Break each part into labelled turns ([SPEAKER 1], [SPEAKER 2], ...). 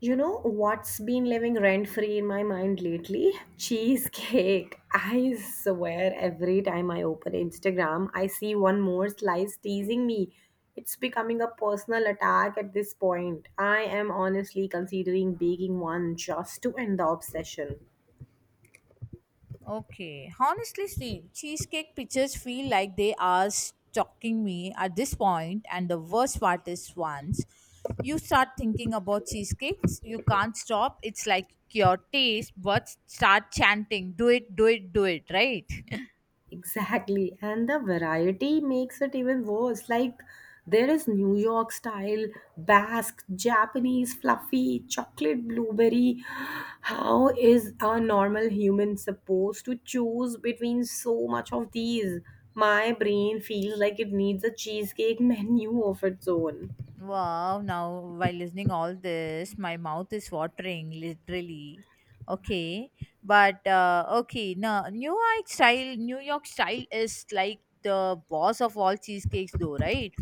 [SPEAKER 1] You know what's been living rent free in my mind lately? Cheesecake. I swear every time I open Instagram, I see one more slice teasing me. It's becoming a personal attack at this point. I am honestly considering baking one just to end the obsession.
[SPEAKER 2] Okay. Honestly, Steve, cheesecake pictures feel like they are stalking me at this point, and the worst part is once you start thinking about cheesecakes, you can't stop. It's like your taste buds start chanting, "Do it, do it, do it!" Right?
[SPEAKER 1] Exactly. And the variety makes it even worse. Like, there is New York style, Basque, Japanese, fluffy, chocolate blueberry. How is a normal human supposed to choose between so much of these? My brain feels like it needs a cheesecake menu of its own.
[SPEAKER 2] Wow, now while listening all this, my mouth is watering literally. Okay, but okay, now New York style is like the boss of all cheesecakes, though, right?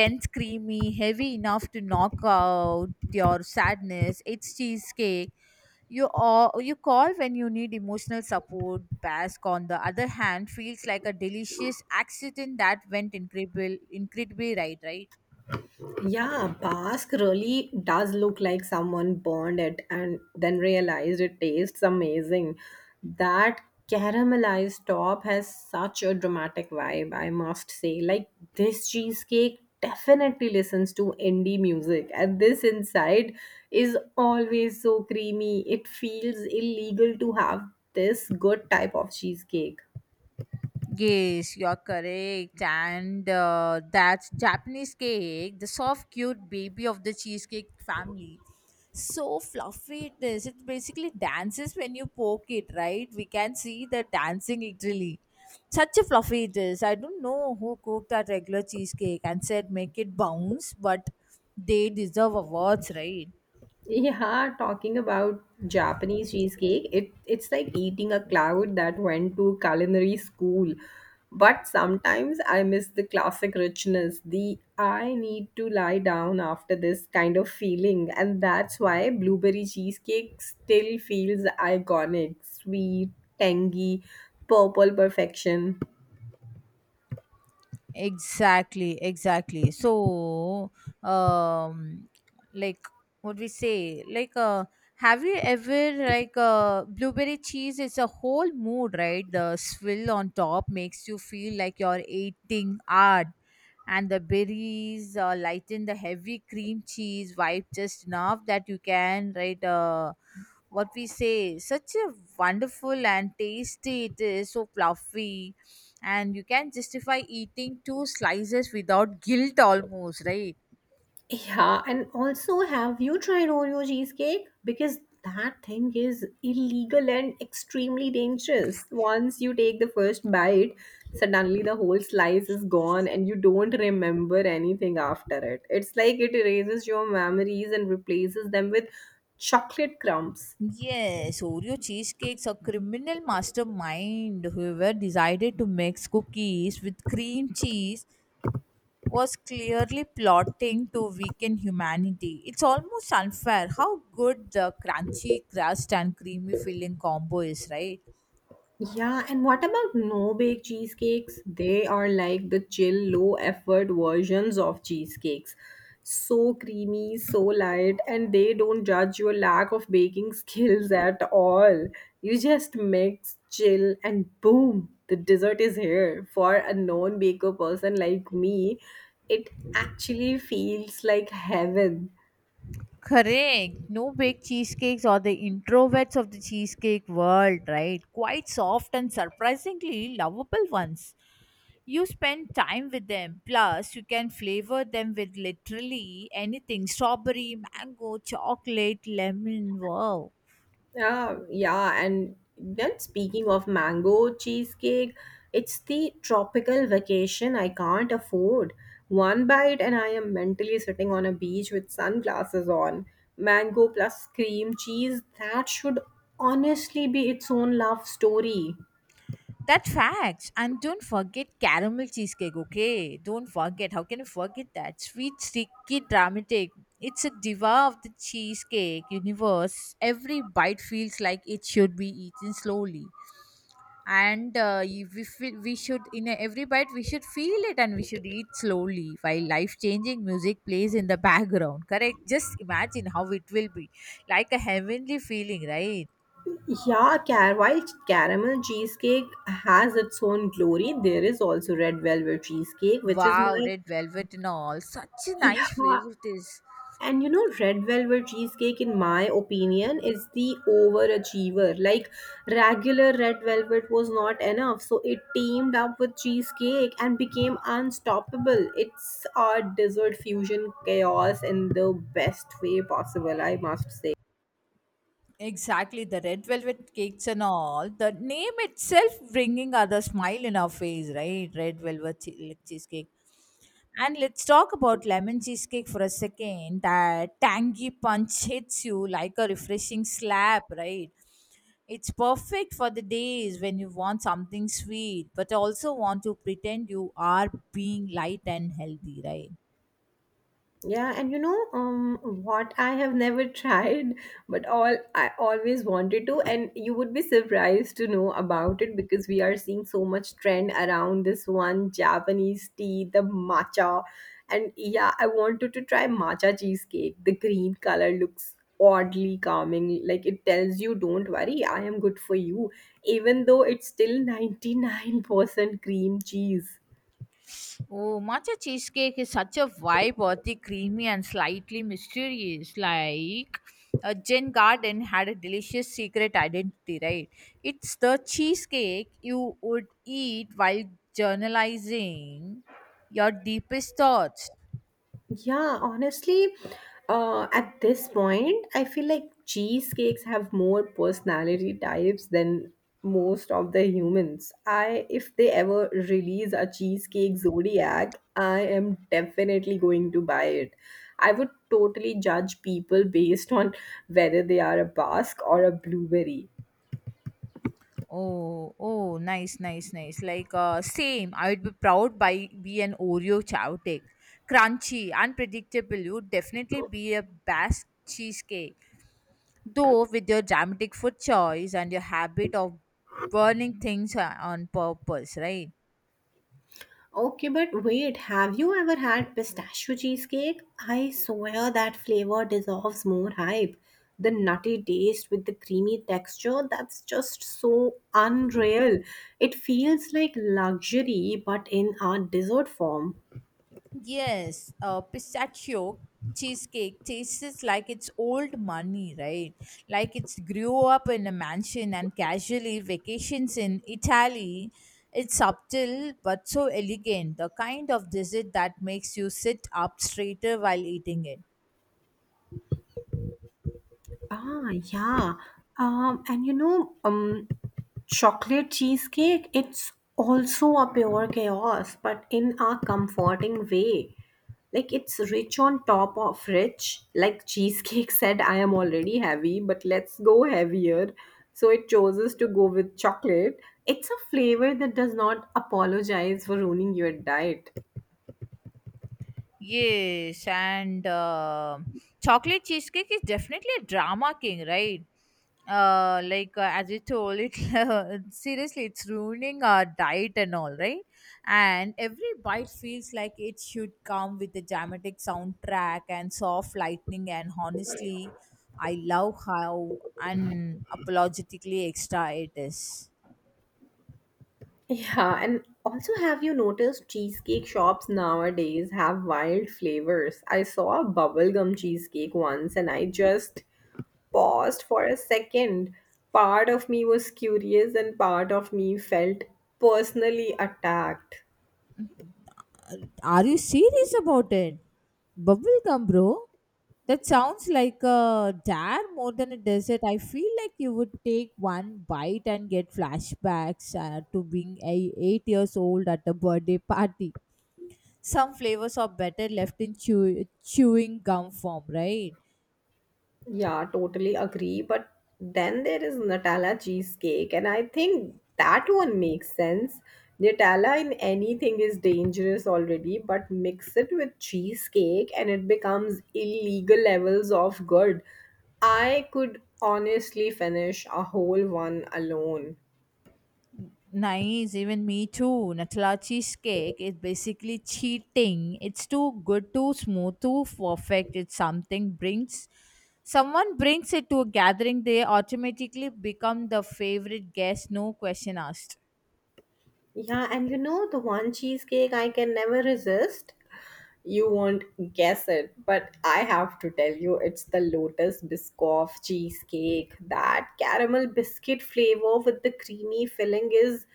[SPEAKER 2] Dense, creamy, heavy enough to knock out your sadness. It's cheesecake. You call when you need emotional support. Basque, on the other hand, feels like a delicious accident that went incredibly right, right?
[SPEAKER 1] Yeah, Basque really does look like someone burned it and then realized it tastes amazing. That caramelized top has such a dramatic vibe, I must say. Like, this cheesecake definitely listens to indie music, and this inside is always so creamy. It feels illegal to have this good type of cheesecake.
[SPEAKER 2] Yes, you're correct. And that's Japanese cake, the soft, cute baby of the cheesecake family. So fluffy it is. It basically dances when you poke it, right? We can see the dancing literally. Such a fluffy it is. I don't know who cooked that regular cheesecake and said make it bounce, but they deserve awards, right?
[SPEAKER 1] Yeah, talking about Japanese cheesecake, it's like eating a cloud that went to culinary school. But sometimes I miss the classic richness, the I need to lie down after this kind of feeling, and that's why blueberry cheesecake still feels iconic, sweet, tangy, purple perfection.
[SPEAKER 2] Exactly, exactly. So, um, like what we say, like, have you ever like blueberry cheese? It's a whole mood, right? The swill on top makes you feel like you're eating art, and the berries lighten the heavy cream cheese vibe just enough that you can, right? What we say, such a wonderful and tasty it is, so fluffy, and you can justify eating two slices without guilt, almost right.
[SPEAKER 1] Yeah, and also, have you tried Oreo cheesecake? Because that thing is illegal and extremely dangerous. Once you take the first bite, suddenly the whole slice is gone and you don't remember anything after it. It's like it erases your memories and replaces them with chocolate crumbs.
[SPEAKER 2] Yes, Oreo cheesecakes, a criminal mastermind whoever decided to mix cookies with cream cheese was clearly plotting to weaken humanity. It's almost unfair how good the crunchy crust and creamy filling combo is, right?
[SPEAKER 1] Yeah, and what about no bake cheesecakes? They are like the chill, low effort versions of cheesecakes. So creamy, so light, and they don't judge your lack of baking skills at all. You just mix, chill, and boom, the dessert is here. For a non baker person like me, it actually feels like heaven.
[SPEAKER 2] Correct. No big cheesecakes or the introverts of the cheesecake world, right? Quite soft and surprisingly lovable ones. You spend time with them. Plus, you can flavor them with literally anything, strawberry, mango, chocolate, lemon. Wow.
[SPEAKER 1] Yeah, yeah, and then speaking of mango cheesecake, it's the tropical vacation I can't afford. One bite and I am mentally sitting on a beach with sunglasses on. Mango plus cream cheese, that should honestly be its own love story.
[SPEAKER 2] That facts. And don't forget caramel cheesecake, okay? Don't forget. How can you forget that? Sweet, sticky, dramatic. It's a diva of the cheesecake universe. Every bite feels like it should be eaten slowly. And we should, in every bite, we should feel it and we should eat slowly while life changing music plays in the background. Correct? Just imagine how it will be. Like a heavenly feeling, right?
[SPEAKER 1] Yeah, while caramel cheesecake has its own glory, there is also red velvet cheesecake, which is
[SPEAKER 2] Wow,
[SPEAKER 1] my
[SPEAKER 2] red velvet and all. Such a nice
[SPEAKER 1] yeah.
[SPEAKER 2] flavor it is.
[SPEAKER 1] And you know, red velvet cheesecake, in my opinion, is the overachiever. Like, regular red velvet was not enough. So, it teamed up with cheesecake and became unstoppable. It's a dessert fusion chaos in the best way possible, I must say.
[SPEAKER 2] Exactly, the red velvet cakes and all. The name itself bringing other smile in our face, right? Red velvet like, cheesecake. And let's talk about lemon cheesecake for a second. That tangy punch hits you like a refreshing slap, right? It's perfect for the days when you want something sweet, but also want to pretend you are being light and healthy, right?
[SPEAKER 1] Yeah, and you know, what I have never tried, but all I always wanted to, and you would be surprised to know about it because we are seeing so much trend around this one Japanese tea, the matcha. And yeah, I wanted to try matcha cheesecake. The green color looks oddly calming, like it tells you, don't worry, I am good for you, even though it's still 99% cream cheese.
[SPEAKER 2] Oh, matcha cheesecake is such a vibe, earthy, creamy, and slightly mysterious. Like a Gin Garden had a delicious secret identity, right? It's the cheesecake you would eat while journalizing your deepest thoughts.
[SPEAKER 1] Yeah, honestly, at this point, I feel like cheesecakes have more personality types than most of the humans. If they ever release a cheesecake zodiac, I am definitely going to buy it. I would totally judge people based on whether they are a Basque or a blueberry.
[SPEAKER 2] Oh, oh, nice, nice, nice. Like same, I would be proud by be an Oreo chowtake. Crunchy, unpredictable, you'd definitely be a best cheesecake, though, with your dramatic food choice and your habit of burning things on purpose, right?
[SPEAKER 1] Okay, but wait, have you ever had pistachio cheesecake? I swear that flavor deserves more hype. The nutty taste with the creamy texture, that's just so unreal. It feels like luxury, but in a dessert form.
[SPEAKER 2] Yes, pistachio cheesecake tastes like it's old money, right? Like it's grew up in a mansion and casually vacations in Italy. It's subtle but so elegant, the kind of dessert that makes you sit up straighter while eating it.
[SPEAKER 1] Ah, yeah. And you know, chocolate cheesecake, it's also a pure chaos, but in a comforting way. Like it's rich on top of rich. Like cheesecake said, I am already heavy, but let's go heavier. So it chooses to go with chocolate. It's a flavor that does not apologize for ruining your diet.
[SPEAKER 2] Yes, and chocolate cheesecake is definitely a drama king, right? Like as you told it, seriously, it's ruining our diet and all, right? And every bite feels like it should come with a dramatic soundtrack and soft lightning. And honestly, I love how unapologetically extra it is.
[SPEAKER 1] Yeah, and also have you noticed cheesecake shops nowadays have wild flavors? I saw a bubblegum cheesecake once and I just paused for a second. Part of me was curious and part of me felt personally attacked.
[SPEAKER 2] Are you serious about it? Bubblegum, bro? That sounds like a dare more than a dessert. I feel like you would take one bite and get flashbacks to being 8 years old at a birthday party. Some flavors are better left in chewing gum form, right?
[SPEAKER 1] Yeah, totally agree. But then there is Nutella cheesecake, and I think that one makes sense. Nutella in anything is dangerous already, but mix it with cheesecake and it becomes illegal levels of good. I could honestly finish a whole one alone.
[SPEAKER 2] Nice, even me too. Nutella cheesecake is basically cheating. It's too good, too smooth, too perfect. It's something brings someone brings it to a gathering, they automatically become the favorite guest, no question asked.
[SPEAKER 1] Yeah, and you know the one cheesecake I can never resist? You won't guess it, but I have to tell you, it's the Lotus Biscoff cheesecake. That caramel biscuit flavor with the creamy filling is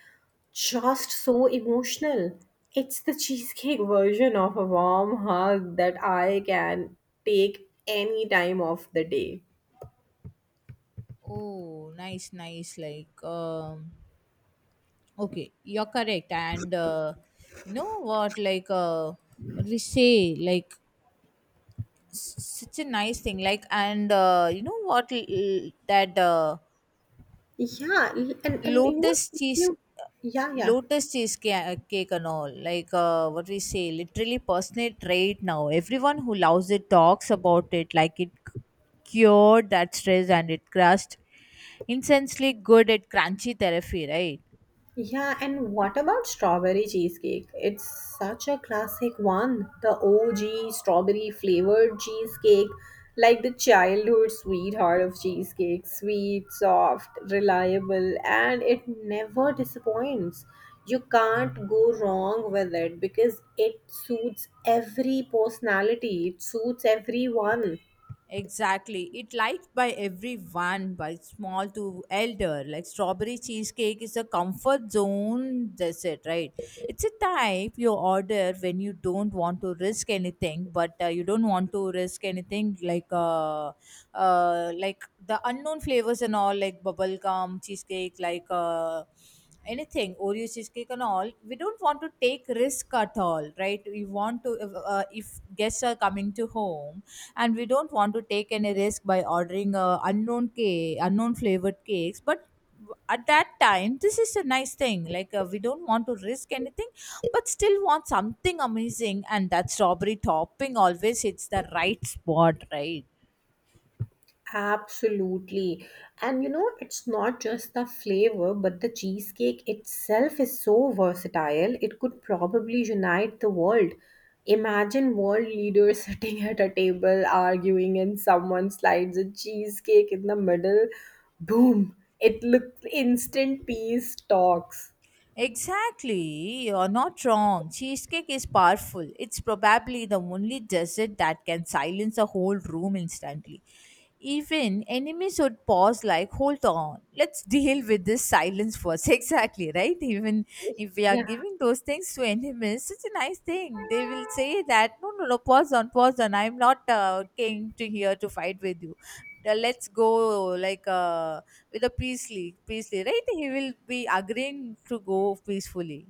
[SPEAKER 1] just so emotional. It's the cheesecake version of a warm hug that I can take any time of the day.
[SPEAKER 2] Oh, nice, nice. Like, okay, you're correct. And you know what? Like, what we say? Like, such a nice thing. Like, and you know what? That
[SPEAKER 1] Yeah, and you know,
[SPEAKER 2] lotus
[SPEAKER 1] if
[SPEAKER 2] cheese
[SPEAKER 1] you yeah, yeah.
[SPEAKER 2] lotus cheese cake and all, like what we say, literally personal trait now, everyone who loves it talks about it like it cured that stress and it crushed, insanely good at crunchy therapy, right?
[SPEAKER 1] Yeah, and what about strawberry cheesecake? It's such a classic one. The OG strawberry flavored cheesecake, like the childhood sweetheart of cheesecake. Sweet, soft, reliable, and it never disappoints. You can't go wrong with it because it suits every personality, it suits everyone.
[SPEAKER 2] Exactly. It liked by everyone, by small to elder. Like strawberry cheesecake is a comfort zone dessert, right? It's a type you order when you don't want to risk anything, but you don't want to risk anything like the unknown flavors and all, like bubble gum cheesecake, like anything oreo cheesecake and all, we don't want to take risk at all, right? We want to, if guests are coming to home and we don't want to take any risk by ordering unknown cake, unknown flavored cakes, but at that time this is a nice thing, like we don't want to risk anything but still want something amazing, and that strawberry topping always hits the right spot, right?
[SPEAKER 1] Absolutely. And you know, it's not just the flavor, but the cheesecake itself is so versatile. It could probably unite the world. Imagine world leaders sitting at a table arguing, and someone slides a cheesecake in the middle. Boom! It looks instant peace talks.
[SPEAKER 2] Exactly, you're not wrong. Cheesecake is powerful. It's probably the only dessert that can silence a whole room instantly. Even enemies would pause like, hold on, let's deal with this silence first. Exactly, right? Even if we are giving those things to enemies, such a nice thing. They will say that, no, no, no, pause on, pause on. I'm not came to here to fight with you, the let's go like with a peacefully, right? He will be agreeing to go peacefully.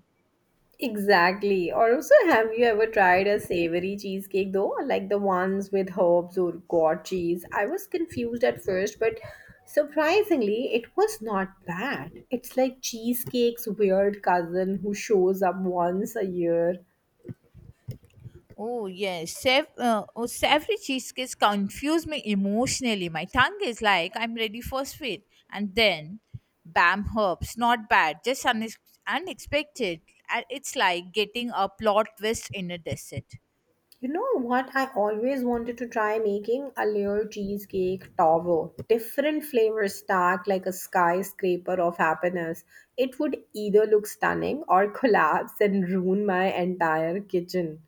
[SPEAKER 1] Exactly. Or also, have you ever tried a savory cheesecake though? Like the ones with herbs or goat cheese? I was confused at first, but surprisingly, it was not bad. It's like cheesecake's weird cousin who shows up once a year.
[SPEAKER 2] Oh yes, oh, savory cheesecakes confuse me emotionally. My tongue is like I'm ready for sweet, and then, bam, herbs. Not bad, just unexpected. And it's like getting a plot twist in a desert.
[SPEAKER 1] You know what? I always wanted to try making a layer cheesecake tower. Different flavors stacked like a skyscraper of happiness. It would either look stunning or collapse and ruin my entire kitchen.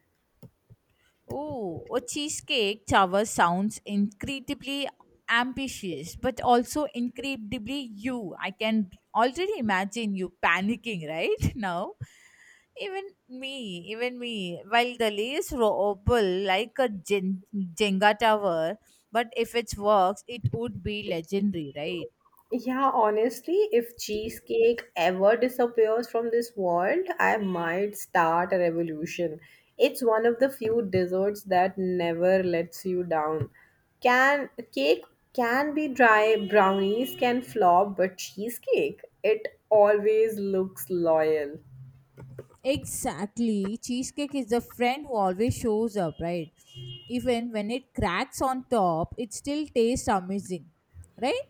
[SPEAKER 2] Oh, a cheesecake tower sounds incredibly ambitious, but also incredibly you. I can already imagine you panicking right now. Even me, while the lace wobble like a Jenga tower, but if it works, it would be legendary, right?
[SPEAKER 1] Yeah, honestly, if cheesecake ever disappears from this world, I might start a revolution. It's one of the few desserts that never lets you down. Can cake can be dry, brownies can flop, but cheesecake, it always looks loyal.
[SPEAKER 2] Exactly. Cheesecake is the friend who always shows up, right? Even when it cracks on top, it still tastes amazing, right?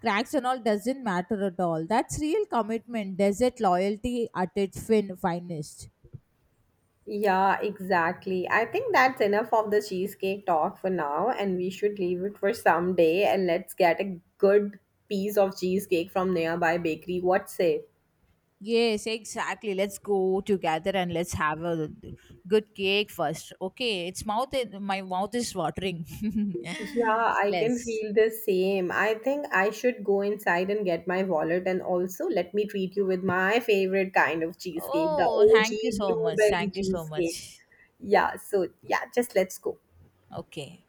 [SPEAKER 2] Cracks and all doesn't matter at all. That's real commitment, desert loyalty at its finest.
[SPEAKER 1] Yeah, exactly. I think that's enough of the cheesecake talk for now, and we should leave it for some day and let's get a good piece of cheesecake from nearby bakery. What say?
[SPEAKER 2] Yes, exactly. Let's go together and let's have a good cake first. Okay, it's mouth. My mouth is watering.
[SPEAKER 1] Yeah, I can
[SPEAKER 2] Let's.
[SPEAKER 1] feel the same. I think I should go inside and get my wallet and also let me treat you with my favorite kind of cheesecake, the
[SPEAKER 2] Oh, thank you
[SPEAKER 1] OG
[SPEAKER 2] so much.
[SPEAKER 1] blueberry
[SPEAKER 2] Thank you so
[SPEAKER 1] cheesecake.
[SPEAKER 2] much.
[SPEAKER 1] Yeah, so yeah, just let's go.
[SPEAKER 2] Okay.